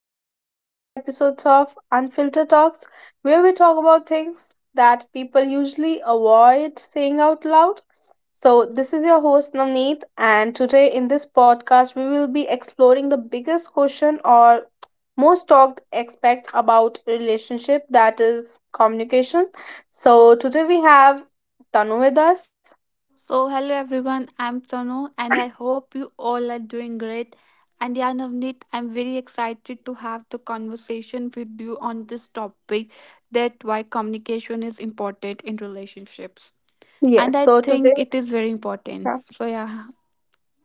back to the another episode of Unfiltered Talks, where we talk about things that people usually avoid saying out loud. So this is your host Navneet, and today in this podcast we will be exploring the biggest question or most talked aspect about relationship, that is communication. So today we have Tanu with us. So, hello everyone, I'm Tanu and I hope you all are doing great. And yeah, Navneet, I'm very excited to have the conversation with you on this topic that why communication is important in relationships. And Yes. I think it is very important. So, yeah,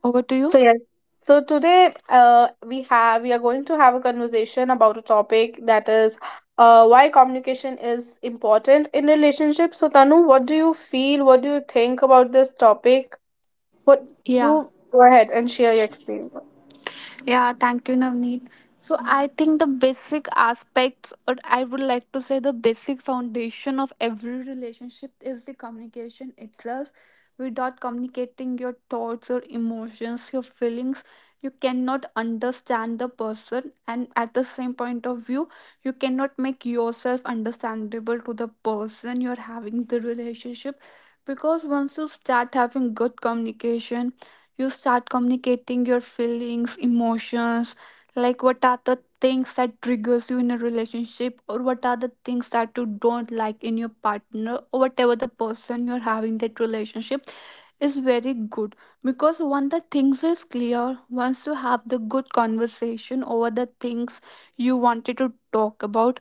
over to you. So yes. So today, we are going to have a conversation about a topic that is, why communication is important in relationships. So Tanu, what do you feel? What do you think about this topic? What do Yeah. Go ahead and share your experience. Yeah, thank you, Navneet. So I think the basic aspects, or I would like to say the basic foundation of every relationship is the communication itself. Without communicating your thoughts or emotions, your feelings, you cannot understand the person, and at the same point of view, you cannot make yourself understandable to the person you're having the relationship. Because once you start having good communication, you start communicating your feelings emotions like what are the things that triggers you in a relationship or what are the things that you don't like in your partner or whatever the person you're having that relationship is very good because once the things is clear, once you have the good conversation over the things you wanted to talk about,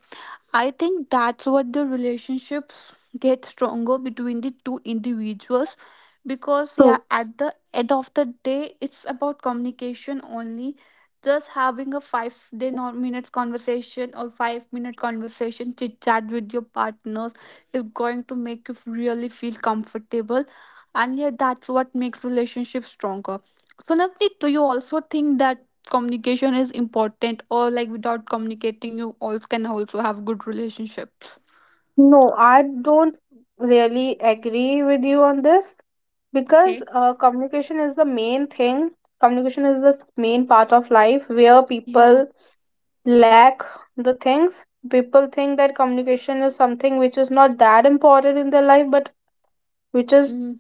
I think that's what the relationships get stronger between the two individuals, because yeah, True. at the end of the day it's about communication only. Just having a 5-day nor minutes conversation or 5-minute conversation chit chat with your partners is going to make you really feel comfortable, and yeah, that's what makes relationships stronger. So Navneet, do you also think that communication is important, or like without communicating you all can also have good relationships? No, I don't really agree with you on this because Okay. Communication is the main thing. Communication is the main part of life where Yeah. people lack the things. People think that communication is something which is not that important in their life, but which is mm.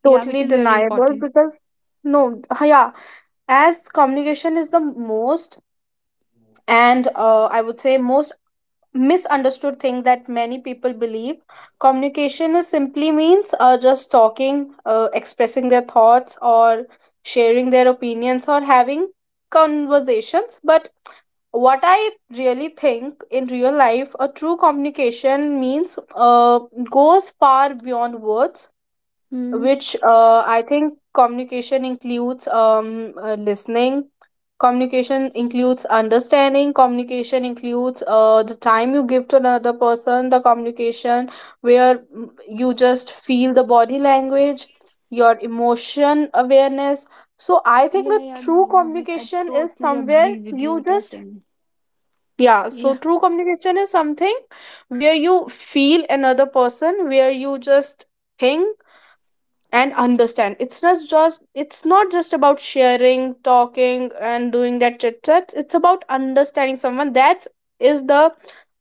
Yeah, which totally is very deniable important. because no, yeah, as communication is the most, and I would say most misunderstood thing that many people believe. Communication is simply means just talking, expressing their thoughts or sharing their opinions or having conversations, but what I really think in real life, a true communication means, goes far beyond words, mm. which I think communication includes listening. Communication includes understanding. Communication includes the time you give to another person. The communication where you just feel the body language, your emotion awareness. So I think Yeah, the yeah, no true Navneet, I communication is totally somewhere agree with you you what you're just, saying. yeah. So Yeah. true communication is something where you feel another person, where you just think and understand. It's not just about sharing, talking and doing that chit chat. It's about understanding someone. That is the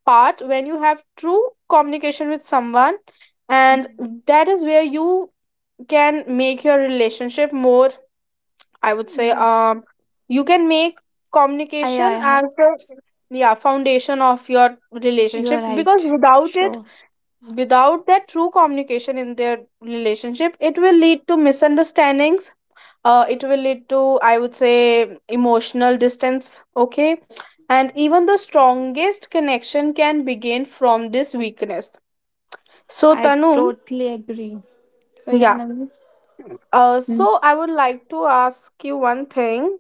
part when you have true communication with someone, and Mm. that is where you can make your relationship more, I would say, Yeah. You can make i i, communication as I the, yeah, foundation of your you're relationship, because right. without it, Sure. without that true communication in their relationship, it will lead to misunderstandings. It will lead to, I would say, emotional distance, okay, and even the strongest connection can begin from this weakness. So I Tanu, totally agree. So yeah, yeah, Navneet. Mm. so I would like to ask you one thing: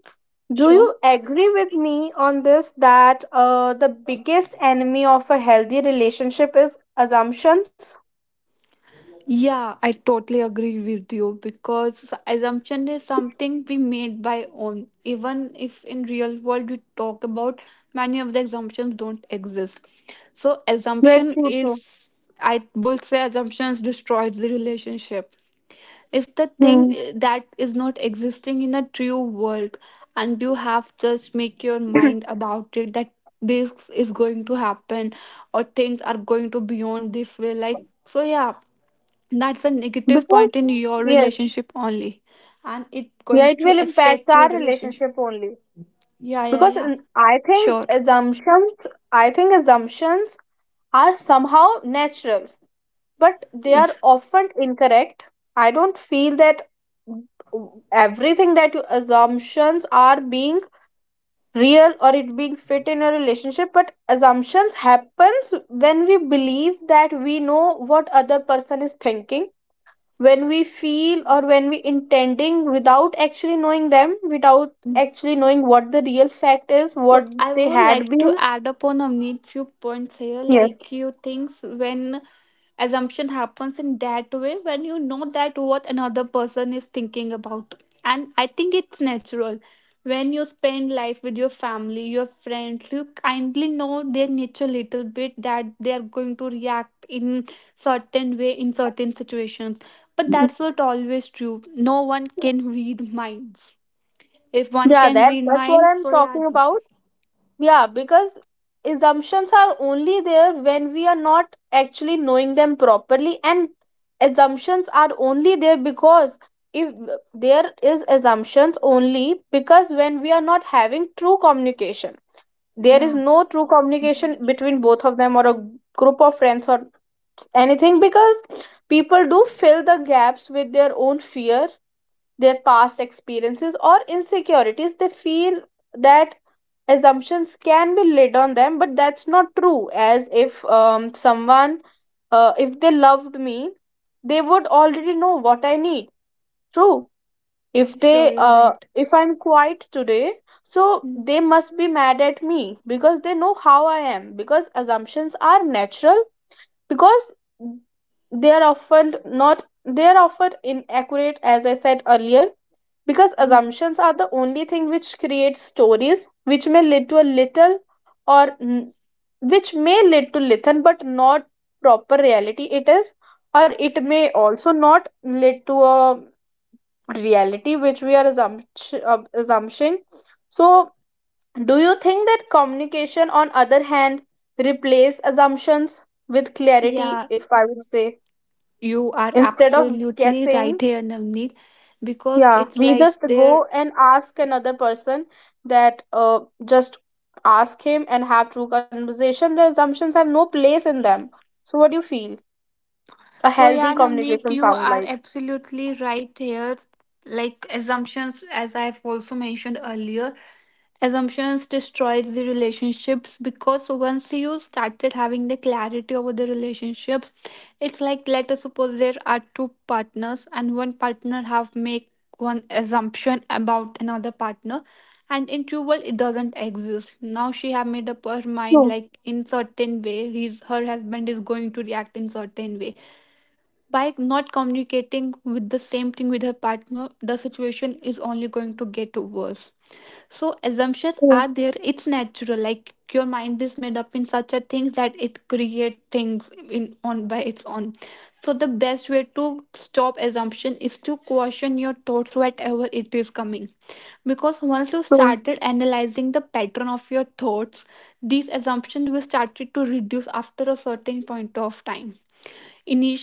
do Sure. you agree with me on this, that the biggest enemy of a healthy relationship is assumptions? Yeah, I totally agree with you because assumption is something we made by own. Even if in real world we talk about, many of the assumptions don't exist. So Very assumption true too. is, I would say assumptions destroys the relationship. If the thing Hmm. That is not existing in a true world and you have just make your mind about it that this is going to happen or things are going to beyond this way, like, so yeah, that's a negative Because point in your yes, relationship only and it yeah, going it to will impact affect your our relationship. relationship only Yeah, yeah, because yeah. mm, i think Sure. assumptions i think assumptions are somehow natural, but they are often incorrect. I don't feel that everything that you assumptions are being real or it being fit in a relationship, but assumptions happens when we believe that we know what other person is thinking, when we feel or when we intending without actually knowing them, without actually knowing what the real fact is, So what I they would had like to been. add upon a need few points here, Yes, like you things when assumption happens in that way, when you know that what another person is thinking about. And I think it's natural. When you spend life with your family, your friends, you kindly know their nature little bit that they are going to react in certain way in certain situations. But that's not always true. No one can read minds. If one yeah, can that read that's what minds, I'm so yeah, talking about. Yeah, because assumptions are only there when we are not actually knowing them properly, and assumptions are only there because, if there is assumptions, only because when we are not having true communication, there is yeah. no true communication between both of them or a group of friends or anything, because people do fill the gaps with their own fear, their past experiences or insecurities. They feel that assumptions can be laid on them, but that's not true, as if someone, if they loved me, they would already know what I need. True. If Sure, they you're right. if I'm quiet today, so Mm. they must be mad at me because they know how I am, because assumptions are natural. Because they are often not, they are often inaccurate, as I said earlier, because assumptions are the only thing which creates stories, which may lead to a little or n- which may lead to little but not proper reality it is, or it may also not lead to a reality which we are assumption. So, do you think that communication, on other hand, replace assumptions with clarity? Yeah, If I would say, you are instead of absolutely right guessing, here, Navneet, because yeah, it's we like just there. go and ask another person that, just ask him and have true conversation. The assumptions have no place in them. So, what do you feel? A So, healthy yeah, Navneet, communication you sound are like? absolutely right here. Like assumptions, as I've also mentioned earlier, assumptions destroys the relationships because once you started having the clarity over the relationships, it's like let us suppose there are two partners and one partner have make one assumption about another partner and in true world it doesn't exist. Now she have made up her True, mind like in certain way his her husband is going to react in certain way by not communicating with the same thing with her partner, the situation is only going to get worse. So assumptions true, are there. It's natural. Like your mind is made up in such a things that it create things in on by its own. So the best way to stop assumption is to question your thoughts whatever it is coming. Because once you true, started analyzing the pattern of your thoughts, these assumptions will started to reduce after a certain point of time.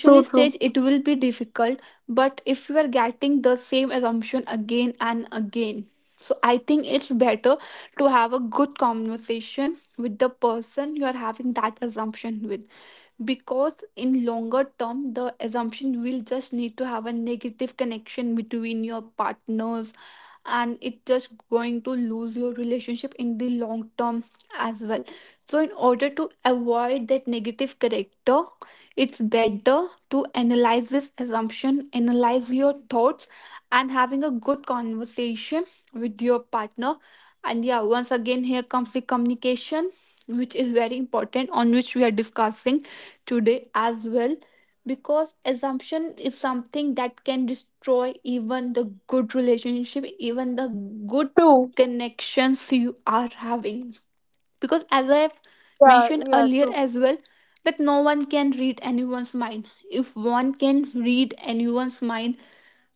true, true. stage it will be difficult, but if you are getting the same assumption again and again, so I think it's better to have a good conversation with the person you are having that assumption with, because in longer term the assumption will just need to have a negative connection between your partners and it just going to lose your relationship in the long term as well. So in order to avoid that negative character, it's better to analyze this assumption, analyze your thoughts and having a good conversation with your partner. And yeah, once again here comes the communication which is very important, on which we are discussing today as well, because assumption is something that can destroy even the good relationship, even the good True. connections you are having. Because as I have Yeah, mentioned yeah, earlier true. as well, that no one can read anyone's mind. If one can read anyone's mind,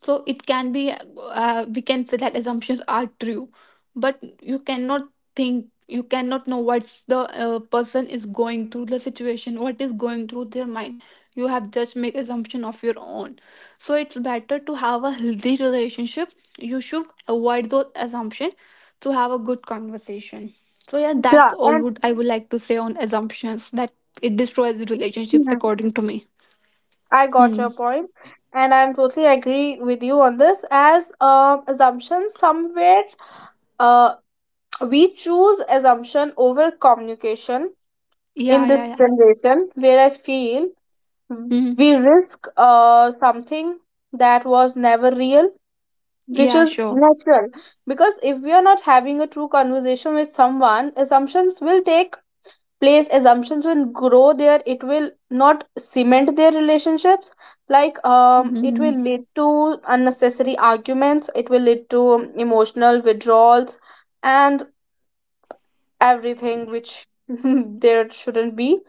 so it can be, we can say that assumptions are true, but you cannot think, you cannot know what's the person is going through the situation, what is going through their mind. You have just make assumption of your own. So it's better to have a healthy relationship, you should avoid those assumptions, to have a good conversation. So yeah, that's Yeah, all would I would like to say on assumptions, that it destroys the relationships yeah, according to me. I got Hmm. your point, and I'm totally agree with you on this. As assumptions, somewhere, uh, we choose assumption over communication Yeah, in yeah, this yeah. generation, where I feel Hmm. we risk something that was never real, which Yeah. is Sure. natural. Because if we are not having a true conversation with someone, assumptions will take place, assumptions will grow there, it will not cement their relationships, like it Mhm. will lead to unnecessary arguments, it will lead to emotional withdrawals and everything which there shouldn't be.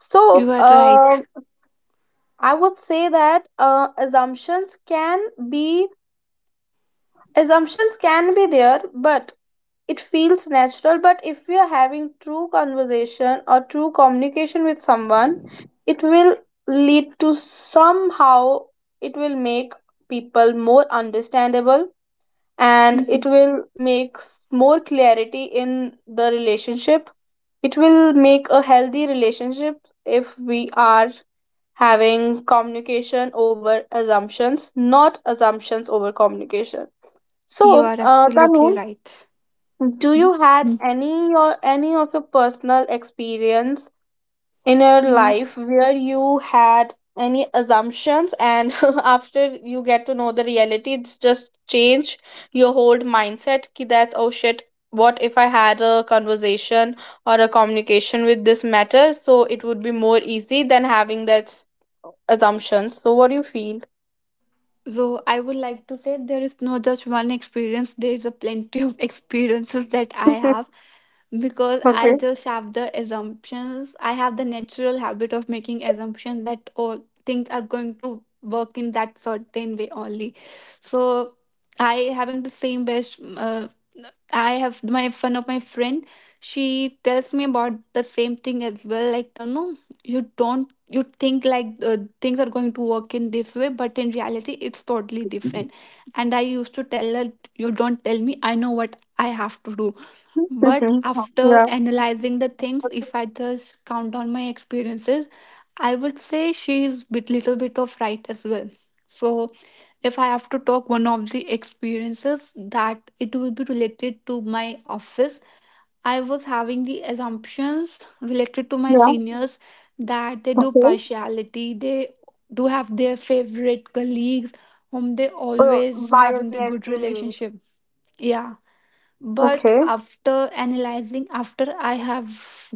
So You are right. I would say that be assumptions can be there, but it feels natural. But if we are having true conversation or true communication with someone, it will lead to somehow, it will make people more understandable, and it Mhm. will make more clarity in the relationship. It will make a healthy relationship if we are having communication over assumptions, not assumptions over communication. You So are absolutely Tanu, right. do E- you had any or any of your personal experience in your Mhm. life where you had any assumptions, and after you get to know the reality, it's just change your whole mindset. Ki that's, oh shit. What if I had a conversation or a communication with this matter? So it would be more easy than having that assumptions. So what do you feel? So I would like to say there is no just one experience. There is a plenty of experiences that I have, because Mhm. I Okay. just have the assumptions. I have the natural habit of making assumptions that all things are going to work in that certain way only. So I having the same best I have my one of my friend. She tells me about the same thing as well. Like you know, you don't you think like things are going to work in this way, but in reality, it's totally different. And I used to tell her, "You don't tell me. I know what I have to do." But Mhm. after Yeah. analyzing the things, if I just count on my experiences, I would say she's bit little bit of right as well. So if I have to talk one of the experiences, that it will be related to my office. I was having the assumptions related to my Yeah. seniors that they do Okay. partiality, they do have their favorite colleagues whom they Uh, always having the Biasness, good you mean? relationship. Yeah, but Okay, after analyzing, after I have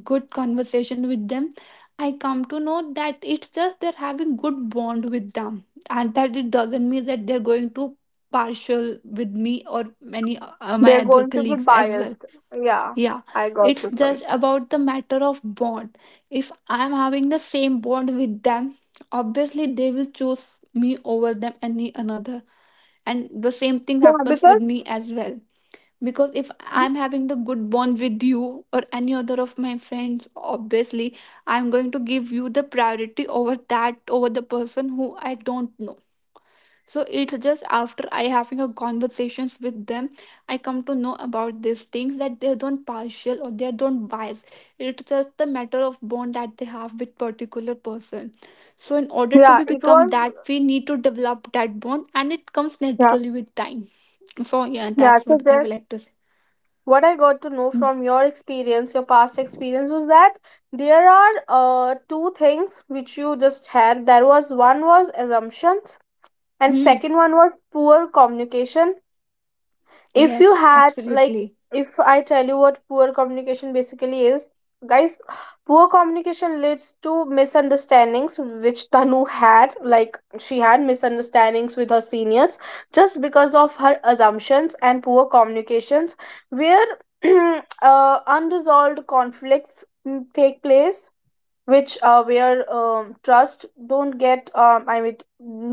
good conversation with them, I come to know that it's just they're having good bond with them and that it doesn't mean that they're going to partial with me or many my they're other going to be colleagues as well. biased. Yeah, Yeah, I got it's your just point. about the matter of bond. If I'm having the same bond with them, obviously they will choose me over them any another, and the same thing Yeah, happens with because, me as well. Because if I'm having the good bond with you or any other of my friends, obviously I'm going to give you the priority over that, over the person who I don't know. So it's just after I having a conversations with them, I come to know about these things, that they don't partial or they don't bias. It's just the matter of bond that they have with particular person. So in order to yeah, be it become was, that, we need to develop that bond and it comes yeah, naturally with time. So yeah, yeah. that's So what I would just like to say. what I got to know from your experience, your past experience, was that there are two things which you just had. There was, one was assumptions, and Hmm. second one was poor communication. If Yes, you had like, absolutely. if I tell you what poor communication basically is, guys, poor communication leads to misunderstandings, which Tanu had. Like, she had misunderstandings with her seniors just because of her assumptions and poor communications, where unresolved conflicts take place, which where trust don't get I mean,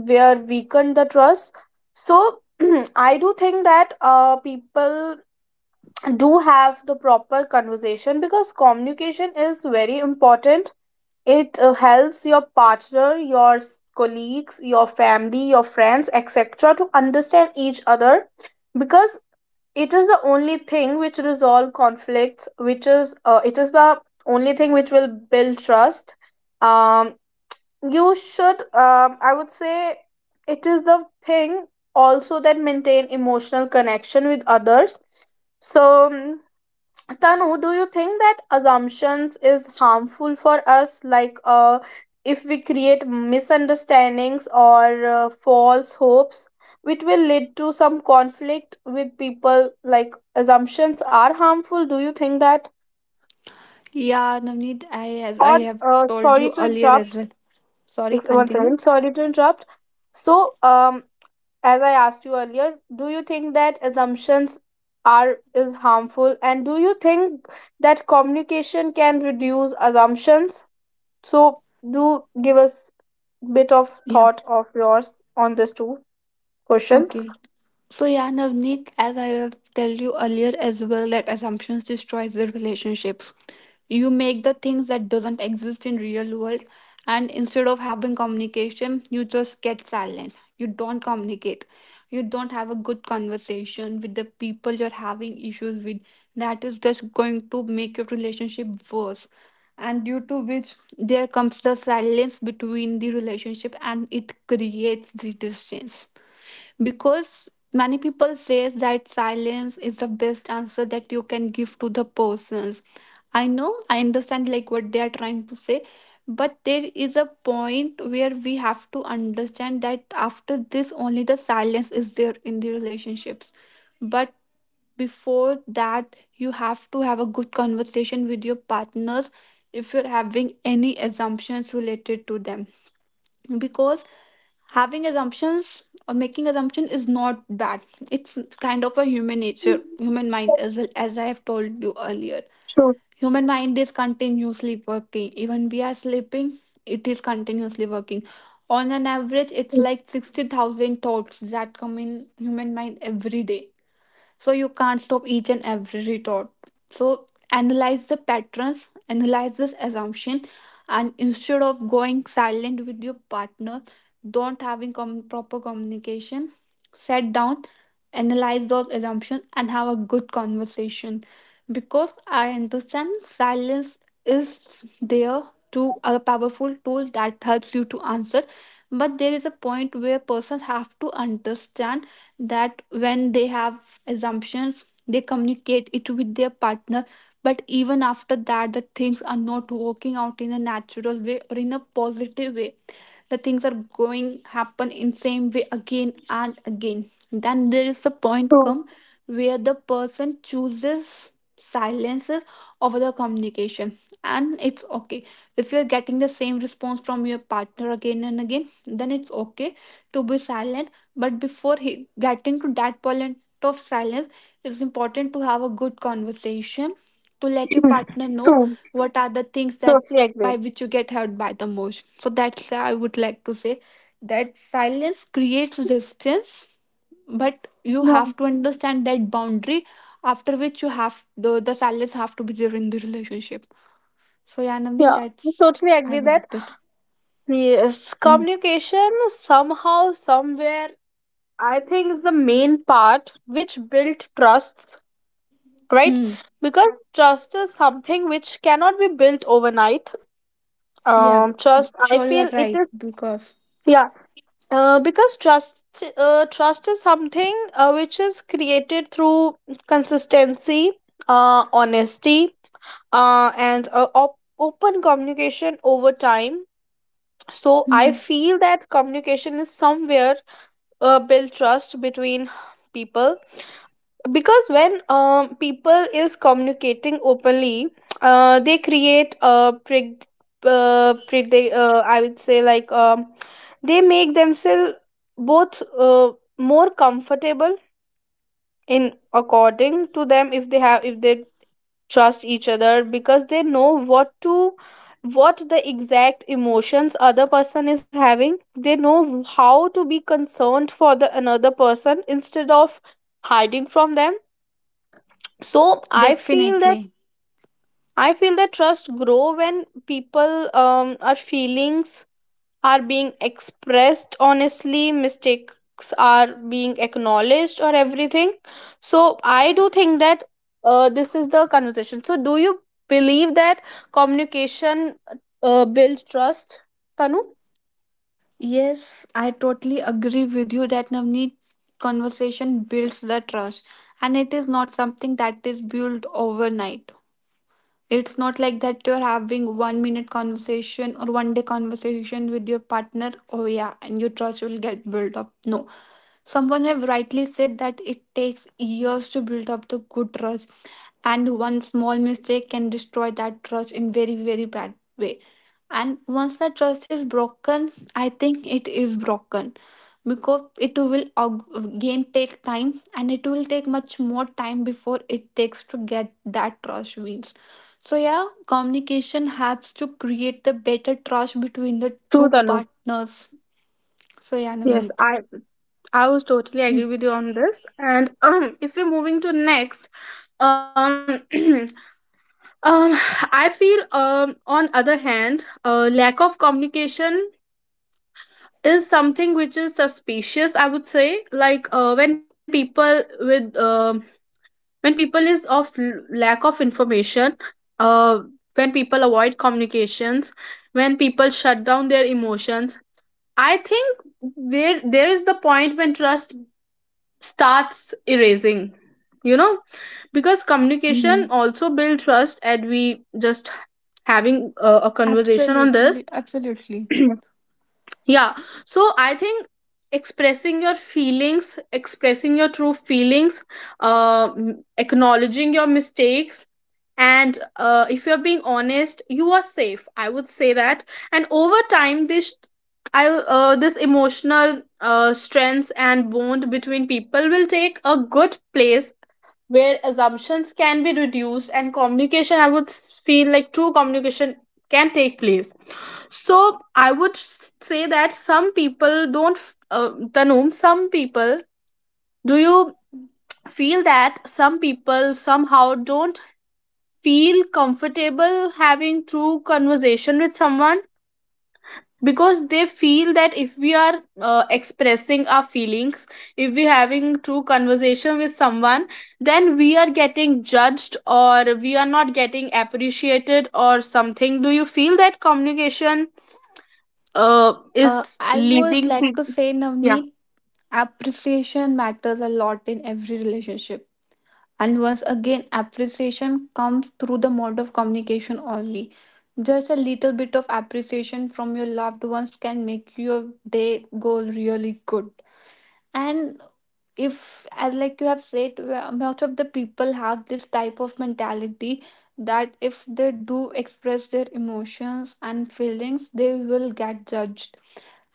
where weaken the trust. So I do think that people do have the proper conversation because communication is very important. It helps your partner, your colleagues, your family, your friends etc to understand each other, because it is the only thing which resolve conflicts, which is it is the only thing which will build trust. um you should, I would say it is the thing also that maintain emotional connection with others. So Tanu, do you think that assumptions is harmful for us? Like, if we create misunderstandings or false hopes, which will lead to some conflict with people. Like, assumptions are harmful. Do you think that? Yeah, Navneet, I as I Or, have told sorry you to earlier as interrupt. well. Sorry, Once continue. again, sorry to interrupt. So, as I asked you earlier, do you think that assumptions are is harmful, and do you think that communication can reduce assumptions? So do give us bit of Yeah. thought of yours on these two questions. Okay. So yeah, Navneet, as I have told you earlier as well, that assumptions destroys the relationships. You make the things that doesn't exist in real world, and instead of having communication you just get silent, you don't communicate, you don't have a good conversation with the people you're having issues with. That is just going to make your relationship worse. And due to which there comes the silence between the relationship and it creates the distance, because many people says that silence is the best answer that you can give to the persons. I know, I understand like what they are trying to say, but there is a point where we have to understand that after this only the silence is there in the relationships. But before that you have to have a good conversation with your partners if you're having any assumptions related to them, because having assumptions or making assumption is not bad. It's kind of a human nature, human mind, as well as I have told you earlier. True, Human mind is continuously working. Even we are sleeping, it is continuously working. On an average, it's true, like 60,000 thoughts that come in human mind every day, so you can't stop each and every retort. So analyze the patterns, analyze this assumption, and instead of going silent with your partner, don't having com- proper communication, sit down, analyze those assumptions and have a good conversation. Because I understand, silence is there to a powerful tool that helps you to answer, but there is a point where persons have to understand that when they have assumptions they communicate it with their partner. But even after that, the things are not working out in a natural way or in a positive way. The things are going happen in same way again and again. Then there is a point true, come where the person chooses silences over the communication. And it's okay, if you're getting the same response from your partner again and again, then it's okay to be silent. But before getting to that point of silence, it's important to have a good conversation, to let your partner know true. what are the things that Totally by agree. which you get hurt by the most. So that's why I would like to say that silence creates distance, but you have No. to understand that boundary after which you have the silence have to be there in the relationship. So yeah, Yeah, Navneet, I that's totally I agree would that like to say. yes, Mm. communication somehow, somewhere, I think is the main part which built trust, right? Hmm. Because trust is something which cannot be built overnight. Yeah, Trust, I sure you are feel it right is, because. yeah, because trust trust is something which is created through consistency, honesty open communication over time. So I Mm-hmm. feel that communication is somewhere build trust between people, because when people is communicating openly, they create a I would say like they make themselves both more comfortable in according to them, if they have, if they trust each other, because they know what to, what the exact emotions other person is having, they know how to be concerned for the another person instead of hiding from them. So I feel that, Definitely. Trust grow when people our feelings are being expressed honestly, mistakes are being acknowledged or everything. So I do think that this is the conversation. So do you believe that communication builds trust, Tanu? Yes, I totally agree with you that, Navneet, conversation builds the trust, and it is not something that is built overnight. It's not like that you're having one minute conversation or one day conversation with your partner. Oh, yeah, and your trust will get built up. No, someone have rightly said that it takes years to build up the good trust, and one small mistake can destroy that trust in very, very bad way. And once that trust is broken, I think it is broken, because it will again take time and it will take much more time before it takes to get that trust wins. So yeah, communication helps to create the better trust between the True, two Tanu. partners. So yeah, Yes, Navneet. I was totally agree with you on this. And if we're moving to next, um, Um, I feel on other hand, lack of communication is something which is suspicious. I would say like, when people with when people is of lack of information, uh, when people avoid communications, when people shut down their emotions, I think where there is the point when trust starts erasing. You know, because communication Hmm. also build trust and we just having a conversation on this. Absolutely, absolutely. Yeah, so I think expressing your feelings, expressing your true feelings, acknowledging your mistakes, and if you're being honest you are safe, I would say that. And over time this, I this emotional strengths and bond between people will take a good place, where assumptions can be reduced and communication, feel like true communication can take place. So say that some people don't f- tanum some people, do you feel that some people somehow don't feel comfortable having true conversation with someone, because they feel that if we are expressing our feelings, if we having true conversation with someone, then we are getting judged or we are not getting appreciated or something. Do you feel that communication is I would leading like to people? say, Yeah, Navneet, appreciation matters a lot in every relationship. And once again, appreciation comes through the mode of communication only. Just a little bit of appreciation from your loved ones can make your day go really good. And if as like you have said, where most of the people have this type of mentality that if they do express their emotions and feelings they will get judged,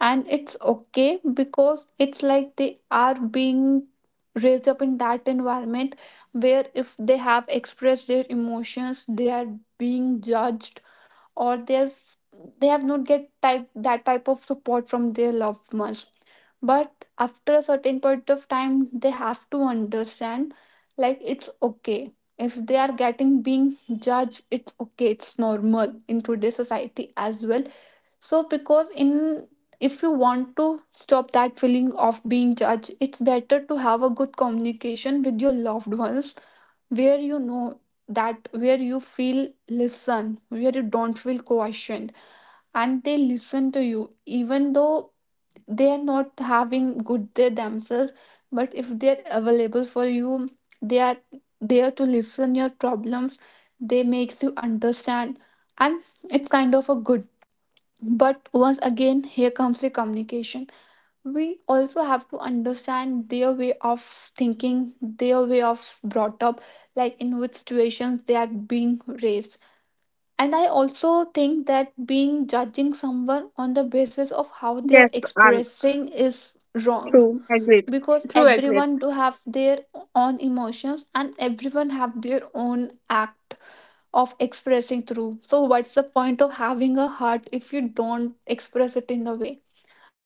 and it's okay because it's like they are being raised up in that environment where if they have expressed their emotions they are being judged, or their, they have not get type that type of support from their loved ones. But after a certain point of time they have to understand, like it's okay. If they are getting being judged, it's okay, it's normal in today's society as well. So because in, if you want to stop that feeling of being judged, it's better to have a good communication with your loved ones, where you know that, where you feel listen, where you don't feel questioned, and they listen to you, even though they are not having good day themselves. But if they're available for you, they are there to listen your problems. They makes you understand, and it's kind of a good. But once again, here comes the communication. We also have to understand their way of thinking, their way of brought up, like in which situations they are being raised. And I also think that being judging someone on the basis of how they are yes, I'm expressing is wrong, true agreed. because True agreed. everyone do have their own emotions and everyone have their own act of expressing through. So what's the point of having a heart if you don't express it in the way?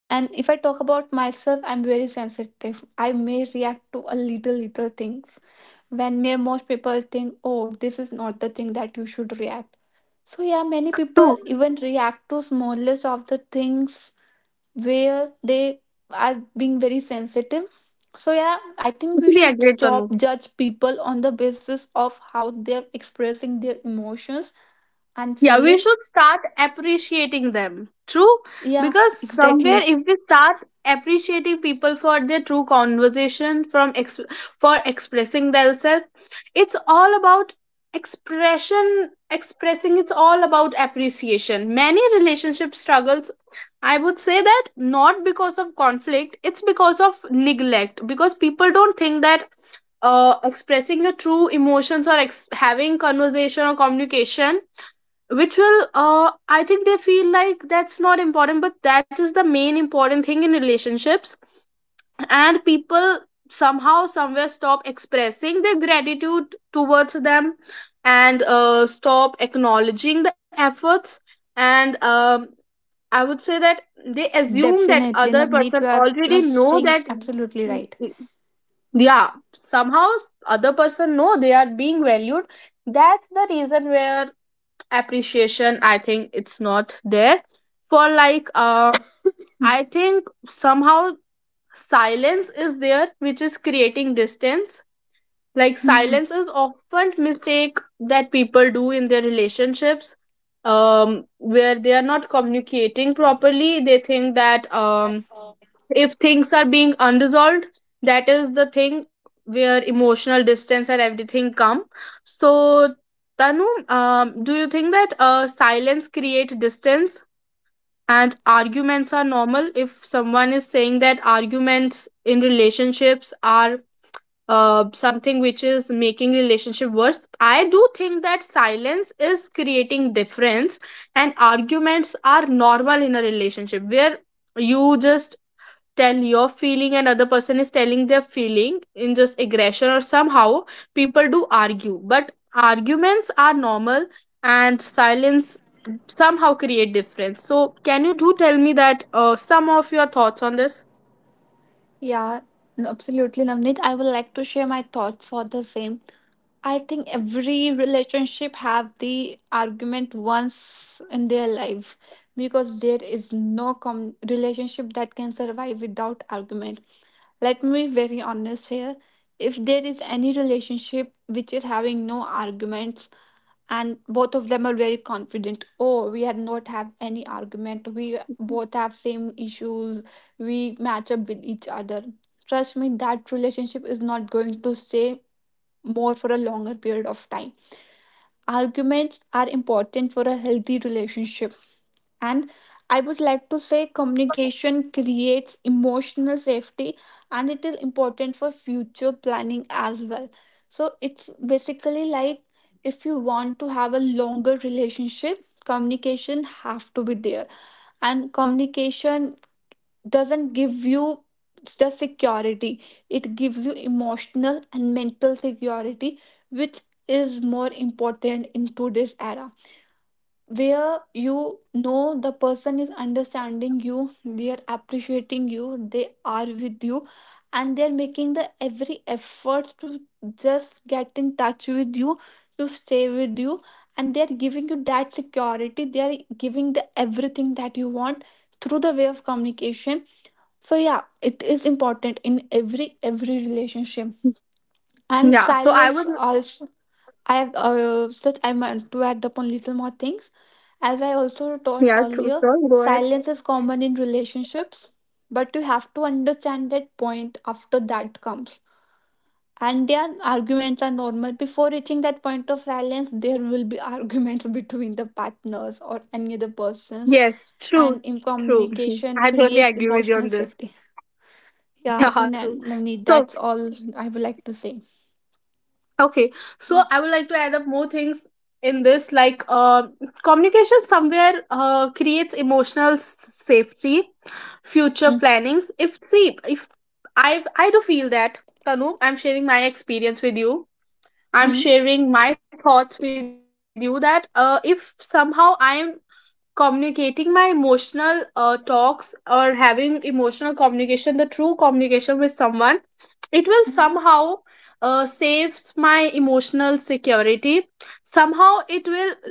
And if I talk about myself, I'm very sensitive. I may react to a little, little things when may most people think, oh, this is not the thing that you should react. So, yeah, many people True. even react to smallest of the things where they are being very sensitive. So, yeah, I think we Totally should agreed, Tanu. stop judge people on the basis of how they're expressing their emotions and Yeah, we feelings. should start appreciating them. True? Yeah, Because somewhere exactly. if we start appreciating people for their true conversation from for expressing themselves, it's all about expression expressing it's all about appreciation. Many relationship struggles, I would say that, not because of conflict, it's because of neglect, because people don't think that expressing your true emotions or having conversation or communication ritual, I think they feel like that's not important, but that is the main important thing in relationships. And people somehow, somewhere stop expressing their gratitude towards them, and stop acknowledging the efforts, and I would say that they assume that Definitely, other Navneet, person you are already know saying that. absolutely right. Yeah, somehow other person know they are being valued. That's the reason where appreciation, I think, it's not there for, like I think somehow silence is there which is creating distance. Like Hmm. silence is often mistake that people do in their relationships, where they are not communicating properly. They think that, if things are being unresolved, that is the thing where emotional distance and everything come. So, Tanu, do you think that silence create distance and arguments are normal? If someone is saying that arguments in relationships are something which is making relationship worse, I do think that silence is creating difference and arguments are normal in a relationship, where you just tell your feeling and other person is telling their feeling in just aggression or somehow people do argue, but arguments are normal. And silence somehow create difference. So can you do tell me that some of your thoughts on this? Yeah, absolutely, Navneet. I would like to share my thoughts for the same. I think every relationship have the argument once in their life, because there is no relationship that can survive without argument. Let me be very honest here. If there is any relationship which is having no arguments, and both of them are very confident, oh, we had not have any argument, we both have same issues, we match up with each other, trust me, that relationship is not going to stay more for a longer period of time. Arguments are important for a healthy relationship. And I would like to say communication creates emotional safety, and it is important for future planning as well. So it's basically like, if you want to have a longer relationship, communication have to be there. And communication doesn't give you the security. It gives you emotional and mental security, which is more important in today's era, where you know the person is understanding you, they are appreciating you, they are with you, and they're making the every effort to just get in touch with you, to stay with you, and they're giving you that security, they're giving the everything that you want through the way of communication. So yeah, it is important in every relationship. And Yeah, so I silence would. also, I have such I meant to add upon little more things. As I Yeah, also true, told sure, go earlier, ahead. silence is common in relationships, but you have to understand that point after that comes. And their arguments are normal. Before reaching that point of silence, there will be arguments between the partners or any other persons. Yes, true. And in True. communication I totally creates agree with you on emotional this. safety. Yeah, so Yeah, true. Navneet, So, that's all I would like to say. okay, so I Mm-hmm. would like to add up more things in this, like communication somewhere creates emotional safety, future plannings. If see, if I do feel that, Tanu, I'm sharing my experience with you. Mm-hmm. I'm sharing my thoughts with you that if somehow I'm communicating my emotional talks, or having emotional communication, the true communication with someone, it will Mm-hmm. somehow saves my emotional security. Somehow it will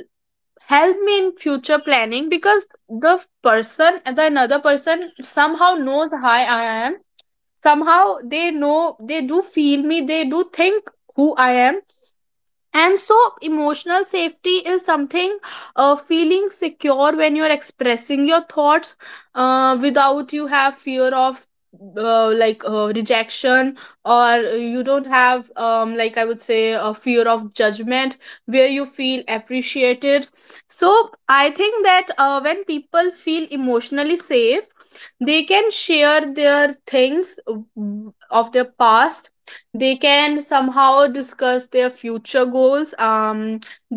help me in future planning, because the person, the another person somehow knows how I am. Somehow they know, they do feel me, they do think who I am. And so emotional safety is something, feeling secure when you're expressing your thoughts without you have fear of, rejection, or you don't have, I would say, a fear of judgment, where you feel appreciated. So I think that when people feel emotionally safe, they can share their things of their past, they can somehow discuss their future goals,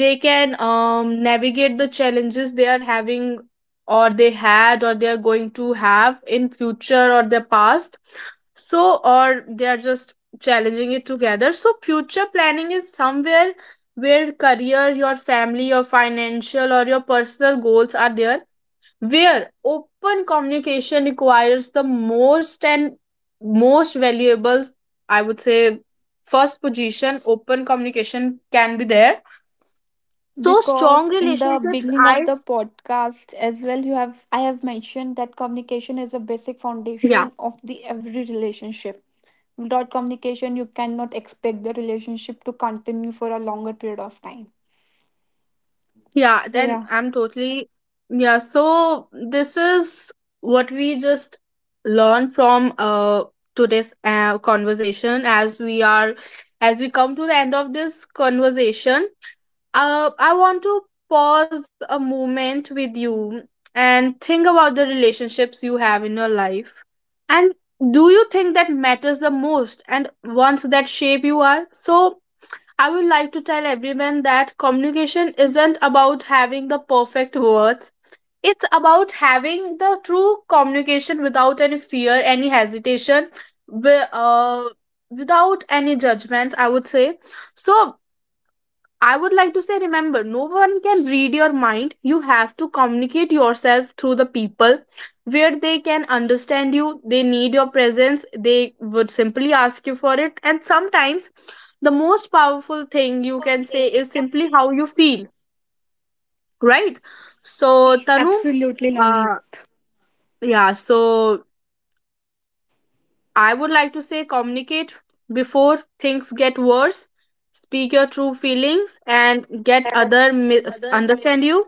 they can navigate the challenges they are having, or they had, or they are going to have in future or their past. So, or they are just challenging it together. So future planning is somewhere where career, your family, your financial or your personal goals are there, where open communication requires the most and most valuable, I would say, first position, open communication can be there. So strong Because in the relationships, beginning of the podcast as well, you have, I have mentioned that communication is a basic yeah. foundation of the every relationship. Without communication you cannot expect the relationship to continue for a longer period of time, Yeah, so then yeah. I'm totally. Yeah, so this is what we just learned from today's conversation. As we are, as we come to the end of this conversation, uh, I want to pause a moment with you and think about the relationships you have in your life. And do you think that matters the most and ones that shape you are? So, I would like to tell everyone that communication isn't about having the perfect words. It's about having the true communication without any fear, any hesitation, wi- uh, without any judgment, I would say. So, I would like to say, remember, no one can read your mind. You have to communicate yourself through the people where they can understand you. They need your presence. They would simply ask you for it. And sometimes the most powerful thing you One can say thing you is can simply how you feel, right? So, say. Tanu, Absolutely, uh, Navneet. yeah, so I would like to say communicate before things get worse. Speak your true feelings and get other That in Other. understand Ways. you.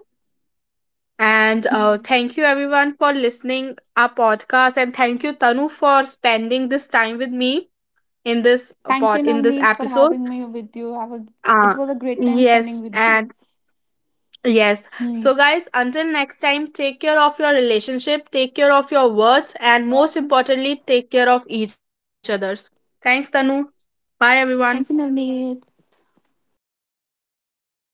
And Hmm. thank you everyone for listening our podcast, and thank you, Tanu, for spending this time with me in this Thank you, pod in this Navneet, for episode. having me with you. Have a, Uh, it was a great time spending yes, with you. and yes. Hmm. So guys, until next time, take care of your relationship, take care of your words, and most importantly, take care of each others. Thanks, Tanu. Bye, everyone. Thank you, Navneet.